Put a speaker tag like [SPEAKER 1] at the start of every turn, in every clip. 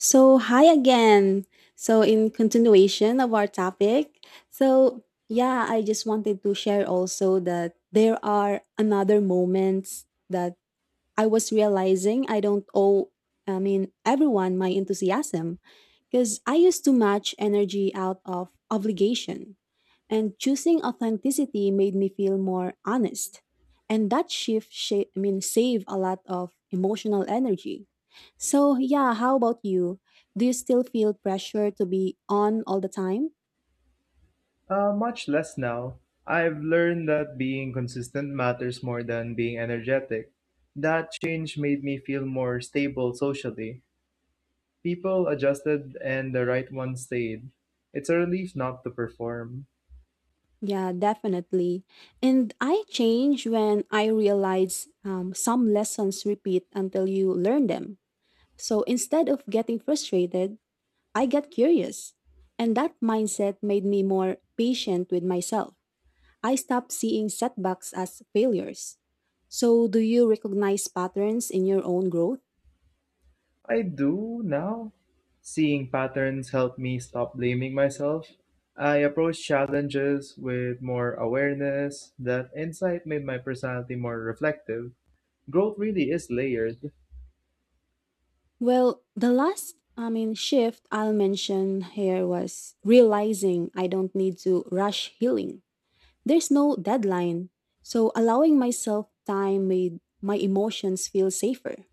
[SPEAKER 1] So, hi again. So, in continuation of our topic, so yeah, I just wanted to share also that there are another moments that I was realizing I don't owe, I mean, everyone my enthusiasm because I used to match energy out of obligation. And choosing authenticity made me feel more honest. And that shift I mean saved a lot of emotional energy. So yeah, how about you? Do you still feel pressure to be on all the time?
[SPEAKER 2] Much less now. I've learned that being consistent matters more than being energetic. That change made me feel more stable socially. People adjusted and the right one stayed. It's a relief not to perform.
[SPEAKER 1] Yeah, definitely. And I change when I realize some lessons repeat until you learn them. So instead of getting frustrated, I get curious. And that mindset made me more patient with myself. I stopped seeing setbacks as failures. So, do you recognize patterns in your own growth?
[SPEAKER 2] I do now. Seeing patterns helped me stop blaming myself. I approach challenges with more awareness. That insight made my personality more reflective. Growth really is layered.
[SPEAKER 1] Well, the last, I mean, shift I'll mention here was realizing I don't need to rush healing. There's no deadline. So, allowing myself time made my emotions feel safer.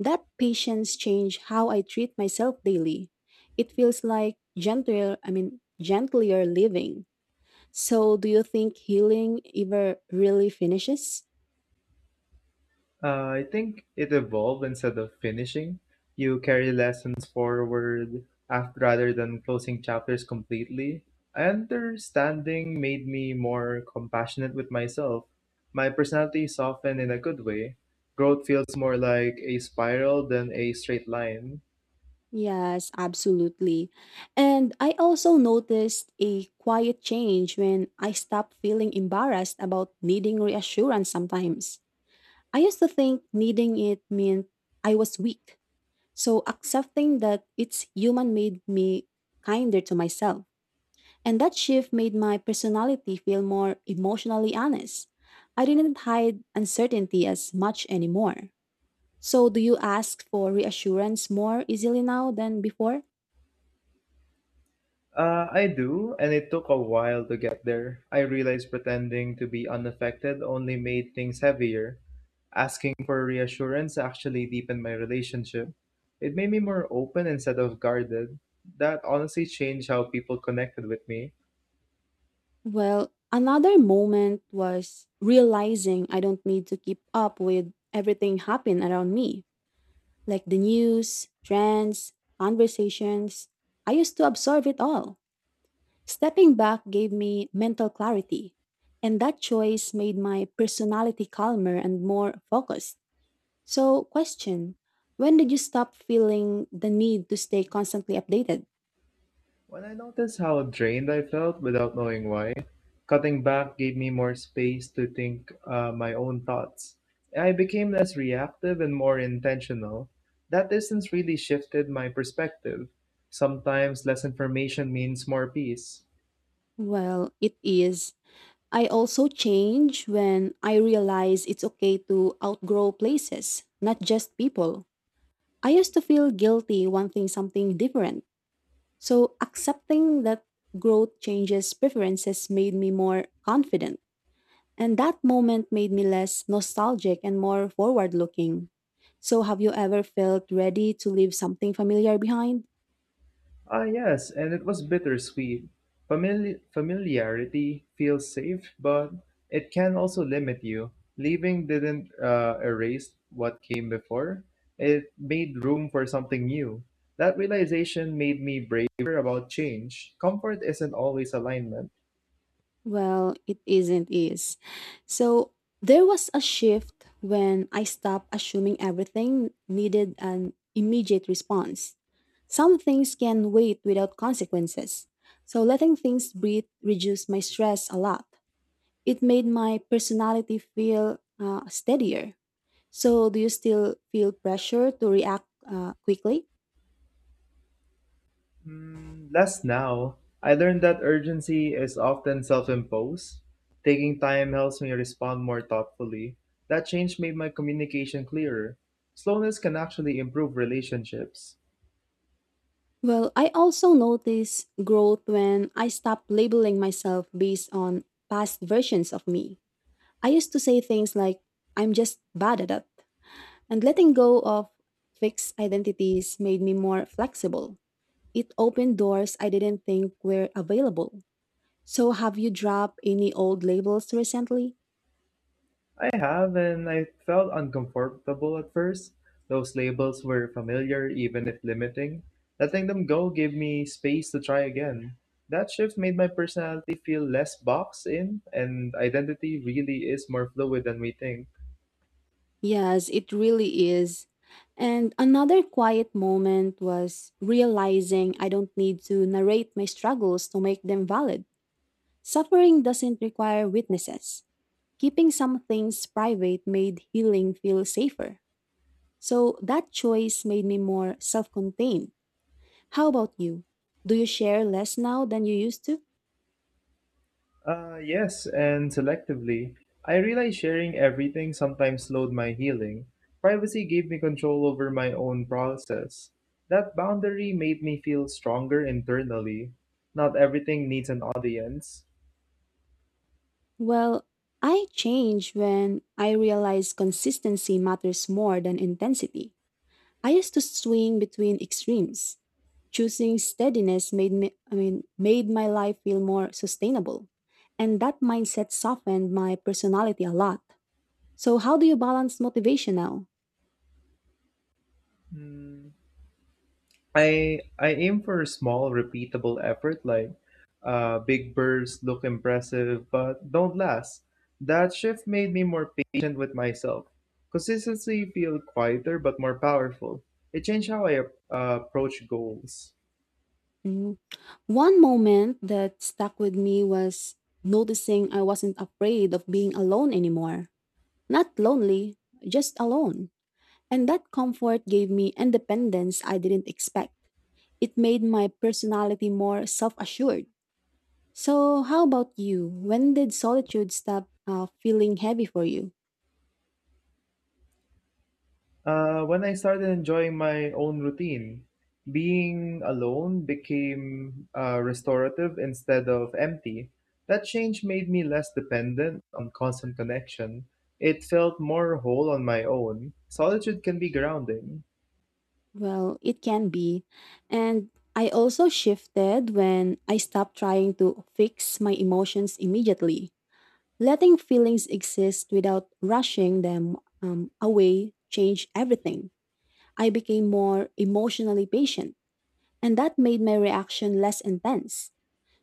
[SPEAKER 1] That patience changed how I treat myself daily. It feels like gentler, I mean, gentlier living. So, do you think healing ever really finishes?
[SPEAKER 2] I think it evolved instead of finishing. You carry lessons forward after, rather than closing chapters completely. Understanding made me more compassionate with myself. My personality softened in a good way. Growth feels more like a spiral than a straight line.
[SPEAKER 1] Yes, absolutely. And I also noticed a quiet change when I stopped feeling embarrassed about needing reassurance sometimes. I used to think needing it meant I was weak. So, accepting that it's human made me kinder to myself. And that shift made my personality feel more emotionally honest. I didn't hide uncertainty as much anymore. So, do you ask for reassurance more easily now than before?
[SPEAKER 2] I do, and it took a while to get there. I realized pretending to be unaffected only made things heavier. Asking for reassurance actually deepened my relationship. It made me more open instead of guarded. That honestly changed how people connected with me.
[SPEAKER 1] Well, another moment was realizing I don't need to keep up with everything happening around me, like the news, trends, conversations. I used to absorb it all. Stepping back gave me mental clarity, and that choice made my personality calmer and more focused. So, question. When did you stop feeling the need to stay constantly updated?
[SPEAKER 2] When I noticed how drained I felt without knowing why, cutting back gave me more space to think my own thoughts. I became less reactive and more intentional. That distance really shifted my perspective. Sometimes less information means more peace.
[SPEAKER 1] Well, it is. I also change when I realize it's okay to outgrow places, not just people. I used to feel guilty wanting something different. So accepting that growth changes preferences made me more confident. And that moment made me less nostalgic and more forward looking. So have you ever felt ready to leave something familiar behind?
[SPEAKER 2] Ah, yes, and it was bittersweet. Familiarity feels safe, but it can also limit you. Leaving didn't erase what came before, it made room for something new. That realization made me braver about change. Comfort isn't always alignment.
[SPEAKER 1] Well, it isn't is. So there was a shift when I stopped assuming everything needed an immediate response. Some things can wait without consequences. So letting things breathe reduced my stress a lot. It made my personality feel steadier. So do you still feel pressure to react quickly?
[SPEAKER 2] Mm, less now. I learned that urgency is often self imposed. Taking time helps me respond more thoughtfully. That change made my communication clearer. Slowness can actually improve relationships.
[SPEAKER 1] Well, I also noticed growth when I stopped labeling myself based on past versions of me. I used to say things like, I'm just bad at it. And letting go of fixed identities made me more flexible. It opened doors I didn't think were available. So, have you dropped any old labels recently?
[SPEAKER 2] I have, and I felt uncomfortable at first. Those labels were familiar, even if limiting. Letting them go gave me space to try again. That shift made my personality feel less boxed in, and identity really is more fluid than we think.
[SPEAKER 1] Yes, it really is. And another quiet moment was realizing I don't need to narrate my struggles to make them valid. Suffering doesn't require witnesses. Keeping some things private made healing feel safer. So that choice made me more self contained. How about you? Do you share less now than you used to?
[SPEAKER 2] Yes, and selectively. I realized sharing everything sometimes slowed my healing. Privacy gave me control over my own process. That boundary made me feel stronger internally. Not everything needs an audience.
[SPEAKER 1] Well, I changed when I realized consistency matters more than intensity. I used to swing between extremes. Choosing steadiness made me I mean made my life feel more sustainable. And that mindset softened my personality a lot. So how do you balance motivation now?
[SPEAKER 2] Hmm, I aim for a small, repeatable effort like big bursts look impressive but don't last. That shift made me more patient with myself. Consistency feel quieter but more powerful. It changed how I approach goals.
[SPEAKER 1] Mm-hmm. One moment that stuck with me was noticing I wasn't afraid of being alone anymore. Not lonely, just alone. And that comfort gave me independence I didn't expect. It made my personality more self assured. So, how about you? When did solitude stop feeling heavy for you?
[SPEAKER 2] When I started enjoying my own routine, being alone became restorative instead of empty. That change made me less dependent on constant connection. It felt more whole on my own. Solitude can be grounding.
[SPEAKER 1] Well, it can be. And I also shifted when I stopped trying to fix my emotions immediately. Letting feelings exist without rushing them away changed everything. I became more emotionally patient, and that made my reaction less intense.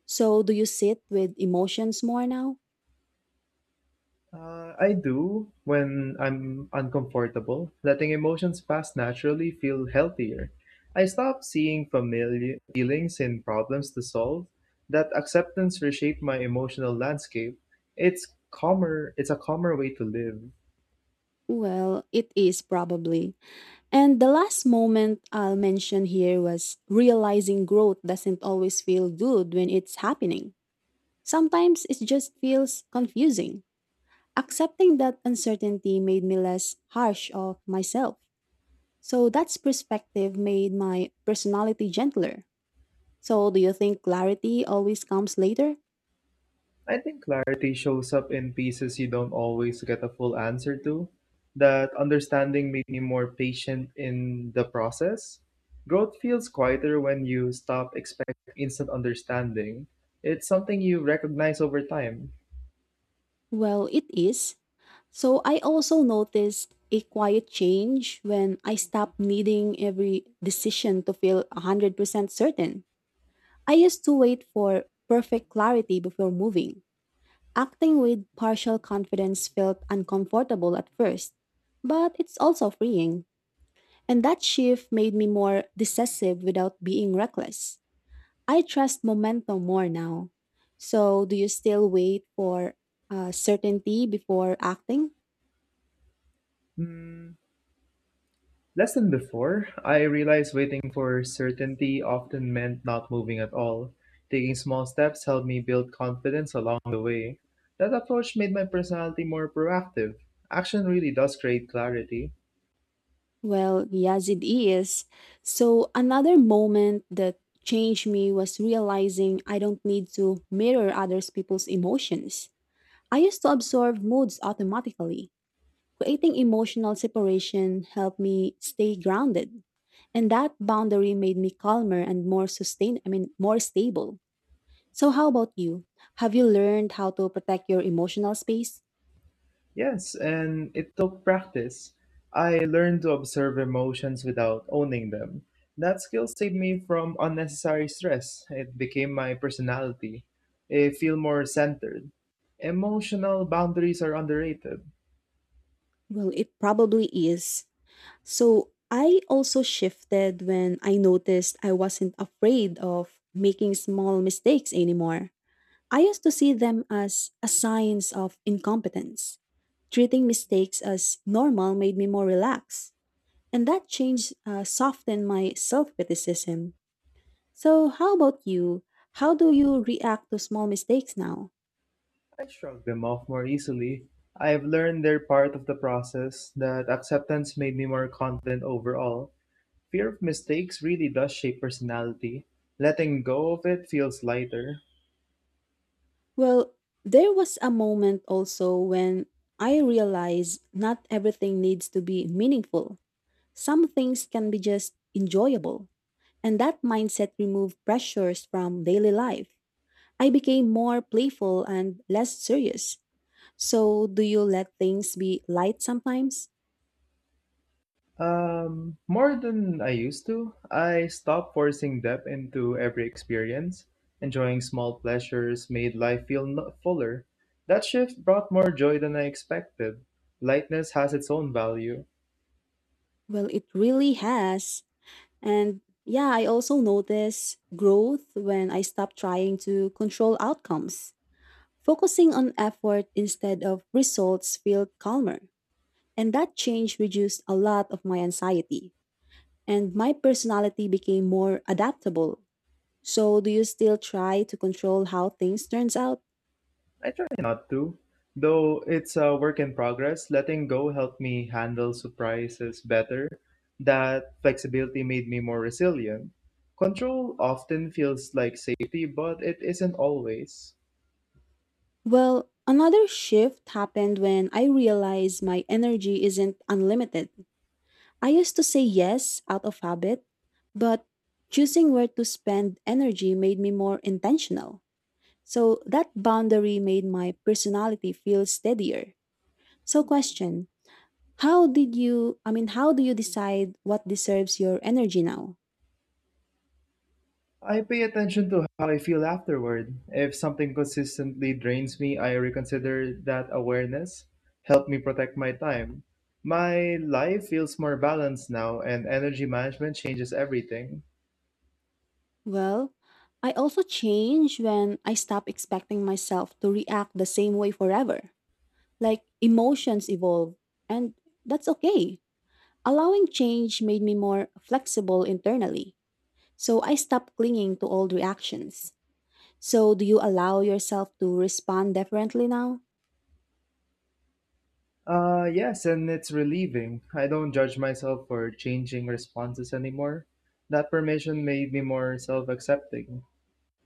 [SPEAKER 1] So, do you sit with emotions more now?
[SPEAKER 2] I do when I'm uncomfortable. Letting emotions pass naturally feel healthier. I stop seeing familiar feelings in problems to solve. That acceptance reshaped my emotional landscape. It's It's a calmer way to live.
[SPEAKER 1] Well, it is probably. And the last moment I'll mention here was realizing growth doesn't always feel good when it's happening. Sometimes it just feels confusing. Accepting that uncertainty made me less harsh of myself. So that's perspective made my personality gentler. So do you think clarity always comes later?
[SPEAKER 2] I think clarity shows up in pieces you don't always get a full answer to. That understanding made me more patient in the process. Growth feels quieter when you stop expecting instant understanding. It's something you recognize over time.
[SPEAKER 1] Well, it is. So I also noticed a quiet change when I stopped needing every decision to feel 100% certain. I used to wait for perfect clarity before moving. Acting with partial confidence felt uncomfortable at first, but it's also freeing. And that shift made me more decisive without being reckless. I trust momentum more now. So, do you still wait for certainty before acting?
[SPEAKER 2] Hmm, less than before, I realized waiting for certainty often meant not moving at all. Taking small steps helped me build confidence along the way. That approach made my personality more proactive. Action really does create clarity.
[SPEAKER 1] Well, yes, it is. So, another moment that changed me was realizing I don't need to mirror others' people's emotions. I used to absorb moods automatically. Creating emotional separation helped me stay grounded. And that boundary made me calmer and more sustained, I mean, more stable. So, how about you? Have you learned how to protect your emotional space?
[SPEAKER 2] Yes, and it took practice. I learned to observe emotions without owning them. That skill saved me from unnecessary stress. It became my personality. I feel more centered. Emotional boundaries are underrated.
[SPEAKER 1] Well, it probably is. So I also shifted when I noticed I wasn't afraid of making small mistakes anymore. I used to see them as a signs of incompetence. Treating mistakes as normal made me more relaxed, and that change softened my self criticism. So, how about you? How do you react to small mistakes now?
[SPEAKER 2] I shrugged them off more easily. I've learned they're part of the process, that acceptance made me more confident overall. Fear of mistakes really does shape personality. Letting go of it feels lighter.
[SPEAKER 1] Well, there was a moment also when I realized not everything needs to be meaningful. Some things can be just enjoyable, and that mindset removed pressures from daily life. I became more playful and less serious. So, do you let things be light sometimes?
[SPEAKER 2] More than I used to. I stopped forcing depth into every experience. Enjoying small pleasures made life feel no- fuller. That shift brought more joy than I expected. Lightness has its own value.
[SPEAKER 1] Well, it really has. And yeah, I also noticed growth when I stopped trying to control outcomes. Focusing on effort instead of results felt calmer, and that change reduced a lot of my anxiety, and my personality became more adaptable. So, do you still try to control how things turns out?
[SPEAKER 2] I try not to, though it's a work in progress. Letting go helped me handle surprises better. That flexibility made me more resilient. Control often feels like safety, but it isn't always.
[SPEAKER 1] Well, another shift happened when I realized my energy isn't unlimited. I used to say yes out of habit, but choosing where to spend energy made me more intentional. So that boundary made my personality feel steadier. So question, how did you I mean how do you decide what deserves your energy now?
[SPEAKER 2] I pay attention to how I feel afterward. If something consistently drains me, I reconsider that awareness. Help me protect my time. My life feels more balanced now, and energy management changes everything.
[SPEAKER 1] Well, I also change when I stop expecting myself to react the same way forever. Like emotions evolve and that's okay. Allowing change made me more flexible internally. So I stopped clinging to old reactions. So do you allow yourself to respond differently now?
[SPEAKER 2] Yes, and it's relieving. I don't judge myself for changing responses anymore. That permission made me more self accepting.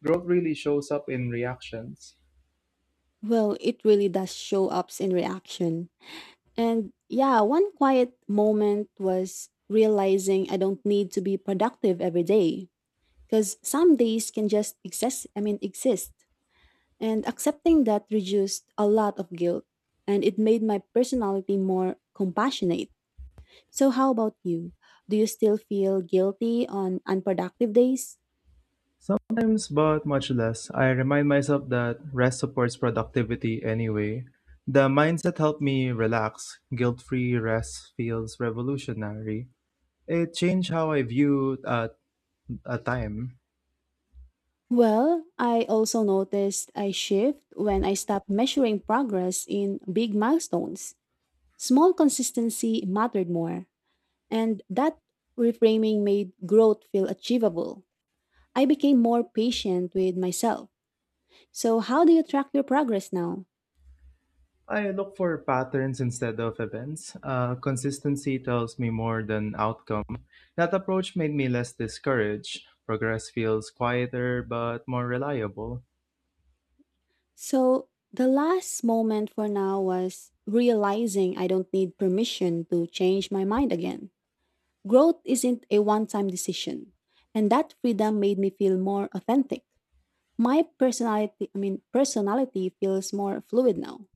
[SPEAKER 2] Growth really shows up in reactions.
[SPEAKER 1] Well, it really does show ups in reaction. And yeah, one quiet moment was realizing I don't need to be productive every day because some days can just I mean exist. And accepting that reduced a lot of guilt and it made my personality more compassionate. So how about you? Do you still feel guilty on unproductive days?
[SPEAKER 2] Sometimes, but much less. I remind myself that rest supports productivity anyway. The mindset helped me relax. Guilt free rest feels revolutionary. It changed how I viewed at a time.
[SPEAKER 1] Well, I also noticed I shift when I stopped measuring progress in big milestones. Small consistency mattered more. And that reframing made growth feel achievable. I became more patient with myself. So, how do you track your progress now?
[SPEAKER 2] I look for patterns instead of events. Consistency tells me more than outcome. That approach made me less discouraged. Progress feels quieter but more reliable.
[SPEAKER 1] So, the last moment for now was realizing I don't need permission to change my mind again. Growth isn't a one time decision. And that freedom made me feel more authentic. My I mean, personality feels more fluid now.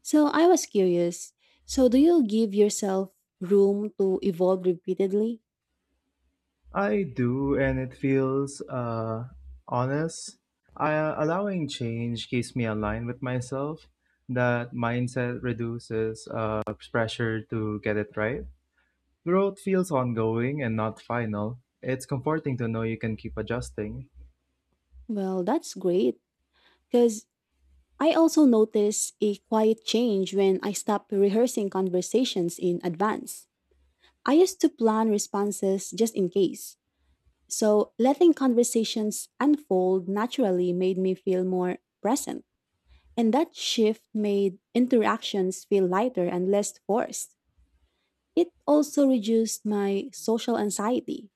[SPEAKER 1] So I was curious. So do you give yourself room to evolve repeatedly?
[SPEAKER 2] I do, and it feels honest. Allowing change keeps me aligned with myself. That mindset reduces pressure to get it right. Growth feels ongoing and not final. It's comforting to know you can keep adjusting.
[SPEAKER 1] Well, that's great because I also notice a quiet change when I stop rehearsing conversations in advance. I used to plan responses just in case. So letting conversations unfold naturally made me feel more present. And that shift made interactions feel lighter and less forced. It also reduced my social anxiety.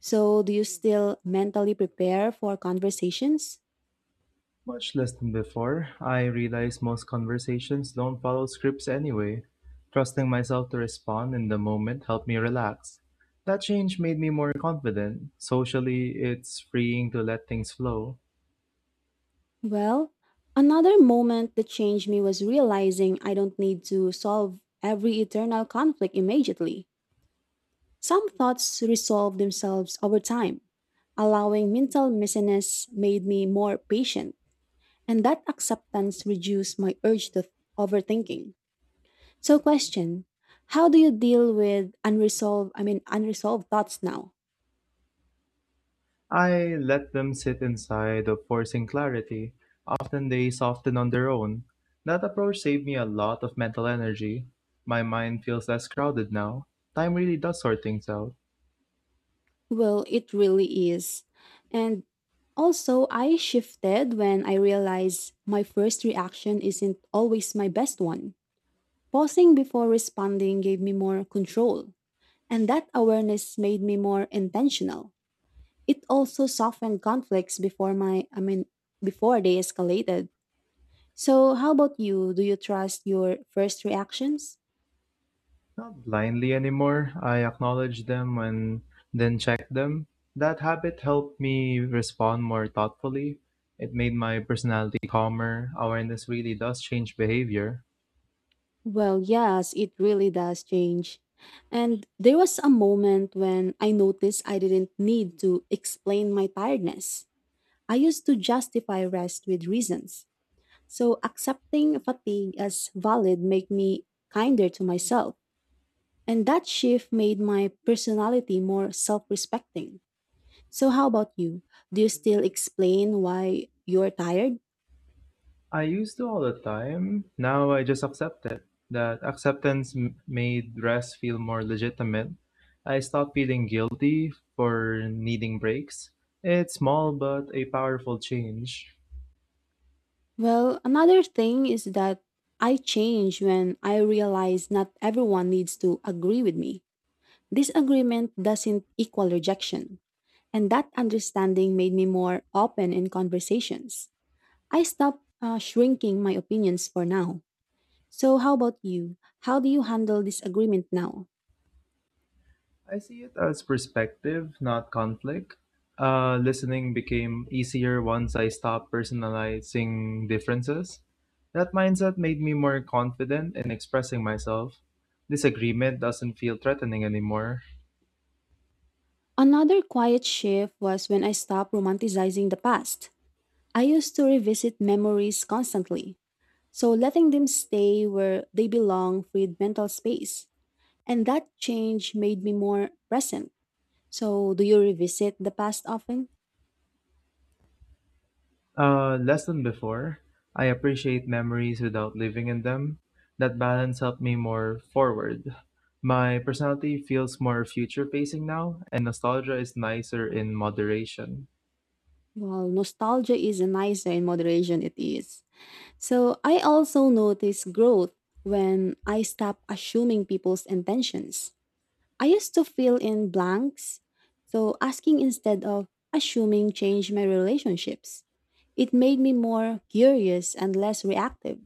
[SPEAKER 1] So, do you still mentally prepare for conversations?
[SPEAKER 2] Much less than before, I realize most conversations don't follow scripts anyway. Trusting myself to respond in the moment helped me relax. That change made me more confident. Socially, it's freeing to let things flow.
[SPEAKER 1] Well, another moment that changed me was realizing I don't need to solve every eternal conflict immediately. Some thoughts resolve themselves over time. Allowing mental messiness made me more patient, and that acceptance reduced my urge to overthinking. So, question. How do you deal with I mean, unresolved thoughts now?
[SPEAKER 2] I let them sit inside of forcing clarity. Often they soften on their own. That approach saved me a lot of mental energy. My mind feels less crowded now. Time really does sort things out.
[SPEAKER 1] Well, it really is. And also, I shifted when I realized my first reaction isn't always my best one. Pausing before responding gave me more control, and that awareness made me more intentional. It also softened conflicts before my I mean before they escalated. So, how about you? Do you trust your first reactions?
[SPEAKER 2] Not blindly anymore. I acknowledge them and then check them. That habit helped me respond more thoughtfully. It made my personality calmer. Awareness really does change behavior.
[SPEAKER 1] Well, yes, it really does change. And there was a moment when I noticed I didn't need to explain my tiredness. I used to justify rest with reasons. So accepting fatigue as valid made me kinder to myself. And that shift made my personality more self respecting. So, how about you? Do you still explain why you're tired?
[SPEAKER 2] I used to all the time. Now I just accept it. That acceptance made rest feel more legitimate. I stopped feeling guilty for needing breaks. It's small but a powerful change.
[SPEAKER 1] Well, another thing is that I change when I realize not everyone needs to agree with me. Disagreement doesn't equal rejection, and that understanding made me more open in conversations. I stopped shrinking my opinions for now. So, how about you? How do you handle disagreement now?
[SPEAKER 2] I see it as perspective, not conflict. Listening became easier once I stopped personalizing differences. That mindset made me more confident in expressing myself. Disagreement doesn't feel threatening anymore.
[SPEAKER 1] Another quiet shift was when I stopped romanticizing the past. I used to revisit memories constantly, so letting them stay where they belong freed mental space. And that change made me more present. So, do you revisit the past often?
[SPEAKER 2] Less than before, I appreciate memories without living in them. That balance helped me more forward. My personality feels more future facing now, and nostalgia is nicer in moderation.
[SPEAKER 1] Well, nostalgia is a nicer in moderation, it is. So, I also notice growth when I stop assuming people's intentions. I used to fill in blanks, so asking instead of assuming changed my relationships. It made me more curious and less reactive.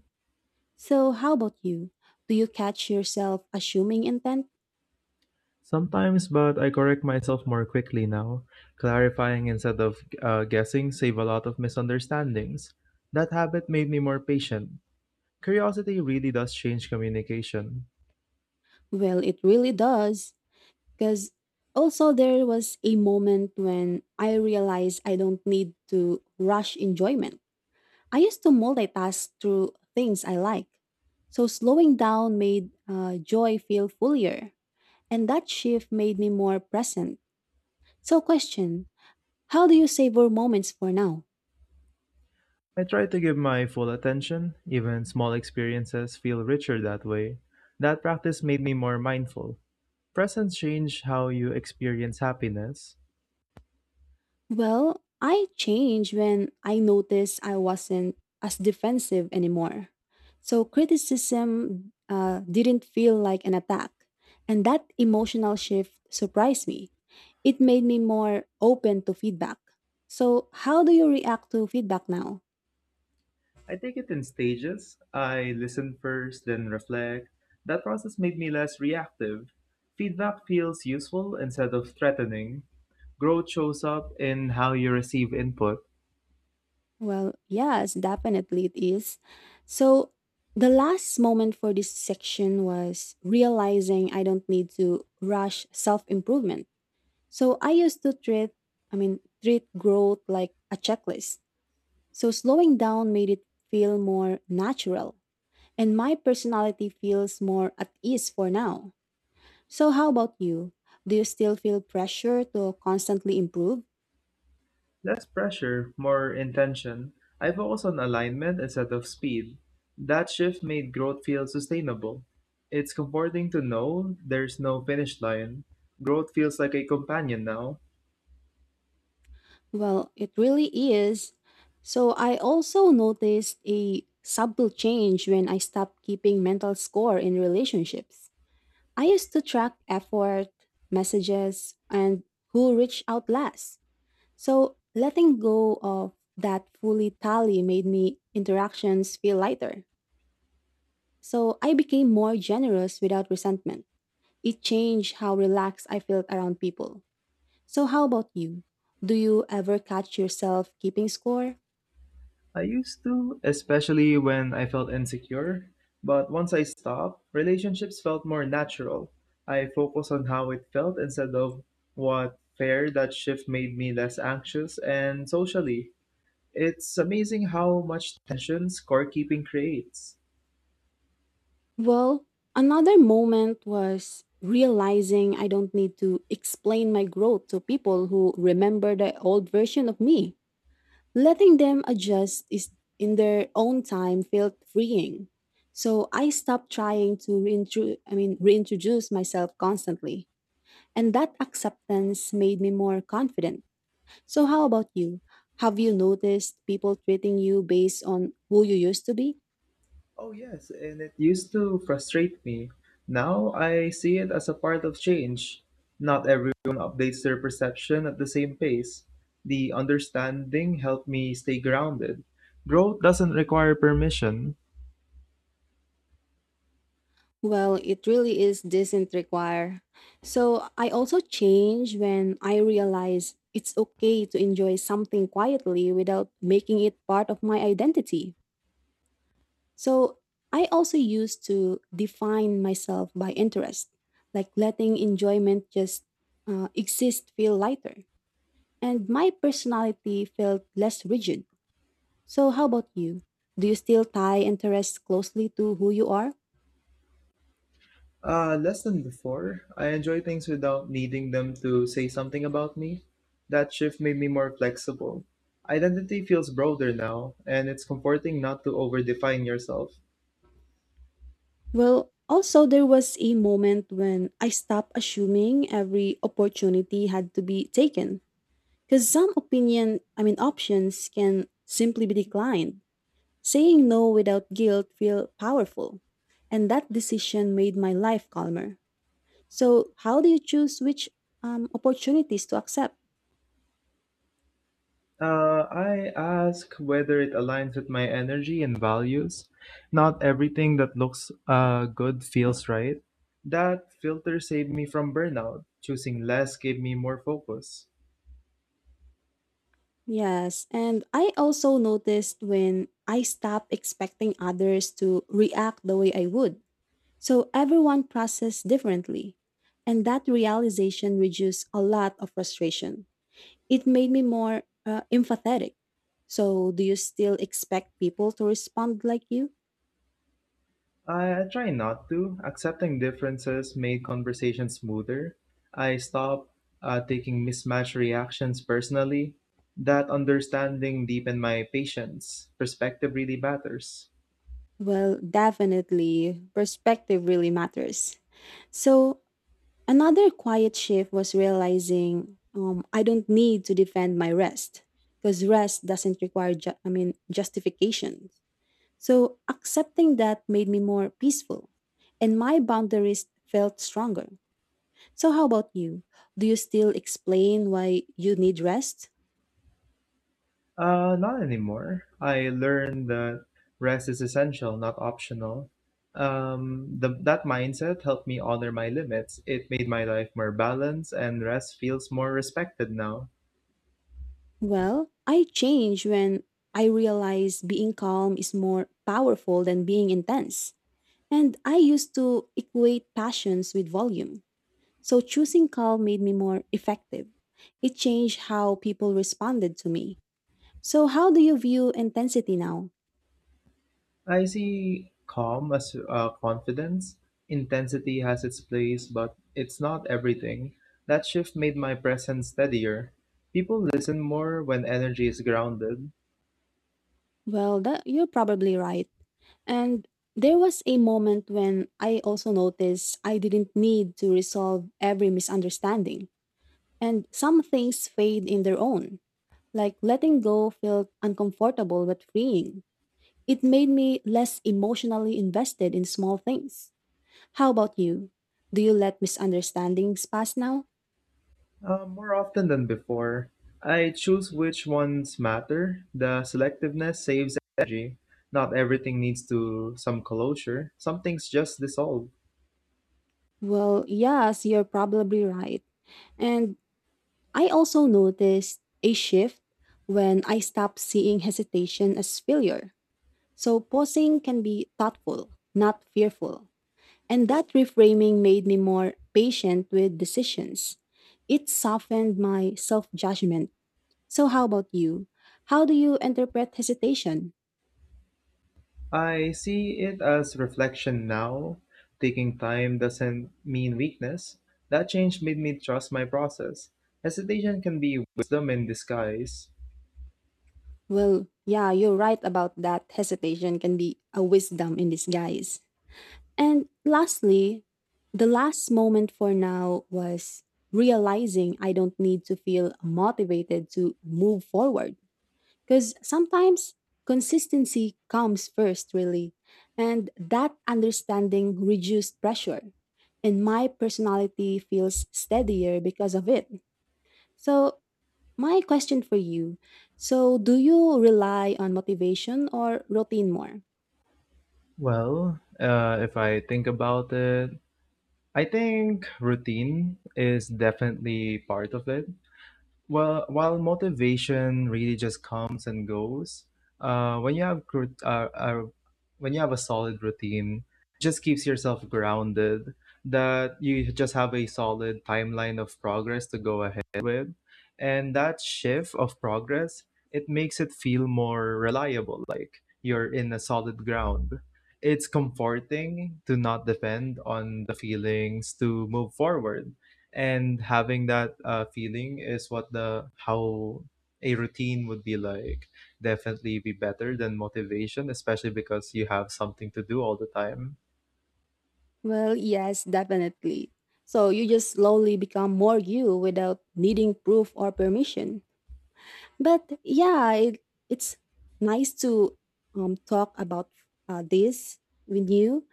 [SPEAKER 1] So, how about you? Do you catch yourself assuming intent?
[SPEAKER 2] Sometimes, but I correct myself more quickly now. Clarifying instead of guessing save a lot of misunderstandings. That habit made me more patient. Curiosity really does change communication.
[SPEAKER 1] Well, it really does. Because also, there was a moment when I realized I don't need to rush enjoyment. I used to multitask through things I like. So, slowing down made joy feel fuller. And that shift made me more present. So, question. How do you savor moments for now?
[SPEAKER 2] I try to give my full attention. Even small experiences feel richer that way. That practice made me more mindful. Presence change how you experience happiness.
[SPEAKER 1] Well, I changed when I noticed I wasn't as defensive anymore. So, criticism didn't feel like an attack. And that emotional shift surprised me. It made me more open to feedback. So, how do you react to feedback now?
[SPEAKER 2] I take it in stages. I listen first, then reflect. That process made me less reactive. Feedback feels useful instead of threatening. Growth shows up in how you receive input.
[SPEAKER 1] Well, yes, definitely it is. So, the last moment for this section was realizing I don't need to rush self improvement. So, I used to treat growth like a checklist. So, slowing down made it feel more natural, and my personality feels more at ease for now. So, how about you? Do you still feel pressure to constantly improve?
[SPEAKER 2] Less pressure, more intention. I focus on alignment instead of speed. That shift made growth feel sustainable. It's comforting to know there's no finish line. Growth feels like a companion now.
[SPEAKER 1] Well, it really is. So I also noticed a subtle change when I stopped keeping mental score in relationships. I used to track effort, messages, and who reached out last. So letting go of that fully tally made me interactions feel lighter. So I became more generous without resentment. It changed how relaxed I felt around people. So how about you? Do you ever catch yourself keeping score?
[SPEAKER 2] I used to, especially when I felt insecure. But once I stopped, relationships felt more natural. I focused on how it felt instead of what Fair that shift made me less anxious and socially. It's amazing how much tension scorekeeping creates.
[SPEAKER 1] Well, another moment was realizing I don't need to explain my growth to people who remember the old version of me. Letting them adjust is in their own time felt freeing. So I stopped trying to reintroduce myself constantly. And that acceptance made me more confident. So how about you? Have you noticed people treating you based on who you used to be?
[SPEAKER 2] Oh, yes, and it used to frustrate me. Now I see it as a part of change. Not everyone updates their perception at the same pace. The understanding helped me stay grounded. Growth doesn't require permission.
[SPEAKER 1] Well, it really is doesn't require. So I also change when I realize it's okay to enjoy something quietly without making it part of my identity. So I also used to define myself by interest, like letting enjoyment just exist feel lighter. And my personality felt less rigid. So how about you? Do you still tie interests closely to who you are?
[SPEAKER 2] Less than before, I enjoy things without needing them to say something about me. That shift made me more flexible. Identity feels broader now, and it's comforting not to overdefine yourself.
[SPEAKER 1] Well, also, there was a moment when I stopped assuming every opportunity had to be taken. Because some options can simply be declined. Saying no without guilt feel powerful. And that decision made my life calmer. So, how do you choose which opportunities to accept?
[SPEAKER 2] I ask whether it aligns with my energy and values. Not everything that looks good feels right. That filter saved me from burnout. Choosing less gave me more focus.
[SPEAKER 1] Yes, and I also noticed when I stopped expecting others to react the way I would. So everyone processes differently, and that realization reduced a lot of frustration. It made me more empathetic. So, do you still expect people to respond like you?
[SPEAKER 2] I try not to. Accepting differences made conversations smoother. I stopped taking mismatched reactions personally. That understanding deepened my patience. Perspective really matters.
[SPEAKER 1] Well, definitely, perspective really matters. So, another quiet shift was realizing I don't need to defend my rest because rest doesn't require, justification. So accepting that made me more peaceful and my boundaries felt stronger. So, how about you? Do you still explain why you need rest?
[SPEAKER 2] Not anymore. I learned that rest is essential, not optional. That mindset helped me honor my limits. It made my life more balanced, and rest feels more respected now.
[SPEAKER 1] Well, I change when I realize being calm is more powerful than being intense. And I used to equate passions with volume. So, choosing calm made me more effective. It changed how people responded to me. So, how do you view intensity now?
[SPEAKER 2] I see calm as confidence. Intensity has its place, but it's not everything. That shift made my presence steadier. People listen more when energy is grounded.
[SPEAKER 1] Well, that, you're probably right. And there was a moment when I also noticed I didn't need to resolve every misunderstanding. And some things fade in their own, like letting go felt uncomfortable but freeing. It made me less emotionally invested in small things. How about you? Do you let misunderstandings pass now?
[SPEAKER 2] More often than before, I choose which ones matter. The selectiveness saves energy. Not everything needs to some closure. Some things just dissolve.
[SPEAKER 1] Well, yes, you're probably right. And I also noticed a shift when I stopped seeing hesitation as failure. So posing can be thoughtful, not fearful. And that reframing made me more patient with decisions. It softened my self judgment. So, how about you? How do you interpret hesitation?
[SPEAKER 2] I see it as reflection now. Taking time doesn't mean weakness. That change made me trust my process. Hesitation can be wisdom in disguise.
[SPEAKER 1] Well, yeah, you're right about that. Hesitation can be a wisdom in disguise. And lastly, the last moment for now was realizing I don't need to feel motivated to move forward. Because sometimes consistency comes first, really. And that understanding reduced pressure. And my personality feels steadier because of it. So, my question for you, so, do you rely on motivation or routine more?
[SPEAKER 2] Well, if I think about it, I think routine is definitely part of it. Well, while motivation really just comes and goes, uh, when you have cru- uh, uh, when you have a solid routine, just keeps yourself grounded. That you just have a solid timeline of progress to go ahead with, and that shift of progress it makes it feel more reliable. Like you're in a solid ground. It's comforting to not depend on the feelings to move forward and having that feeling is what the how a routine would be like definitely be better than motivation especially because you have something to do all the time.
[SPEAKER 1] Well, yes, definitely. So, you just slowly become more you without needing proof or permission. But yeah, it's nice to talk about this with you.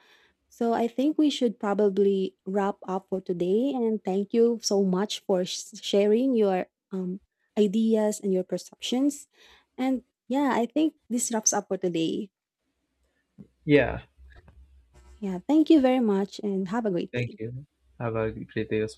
[SPEAKER 1] So I think we should probably wrap up for today. And thank you so much for sharing your ideas and your perceptions. And yeah, I think this wraps up for today.
[SPEAKER 2] Yeah,
[SPEAKER 1] Yeah, thank you very much and have a great
[SPEAKER 2] thank
[SPEAKER 1] day.
[SPEAKER 2] you, have a great day as well.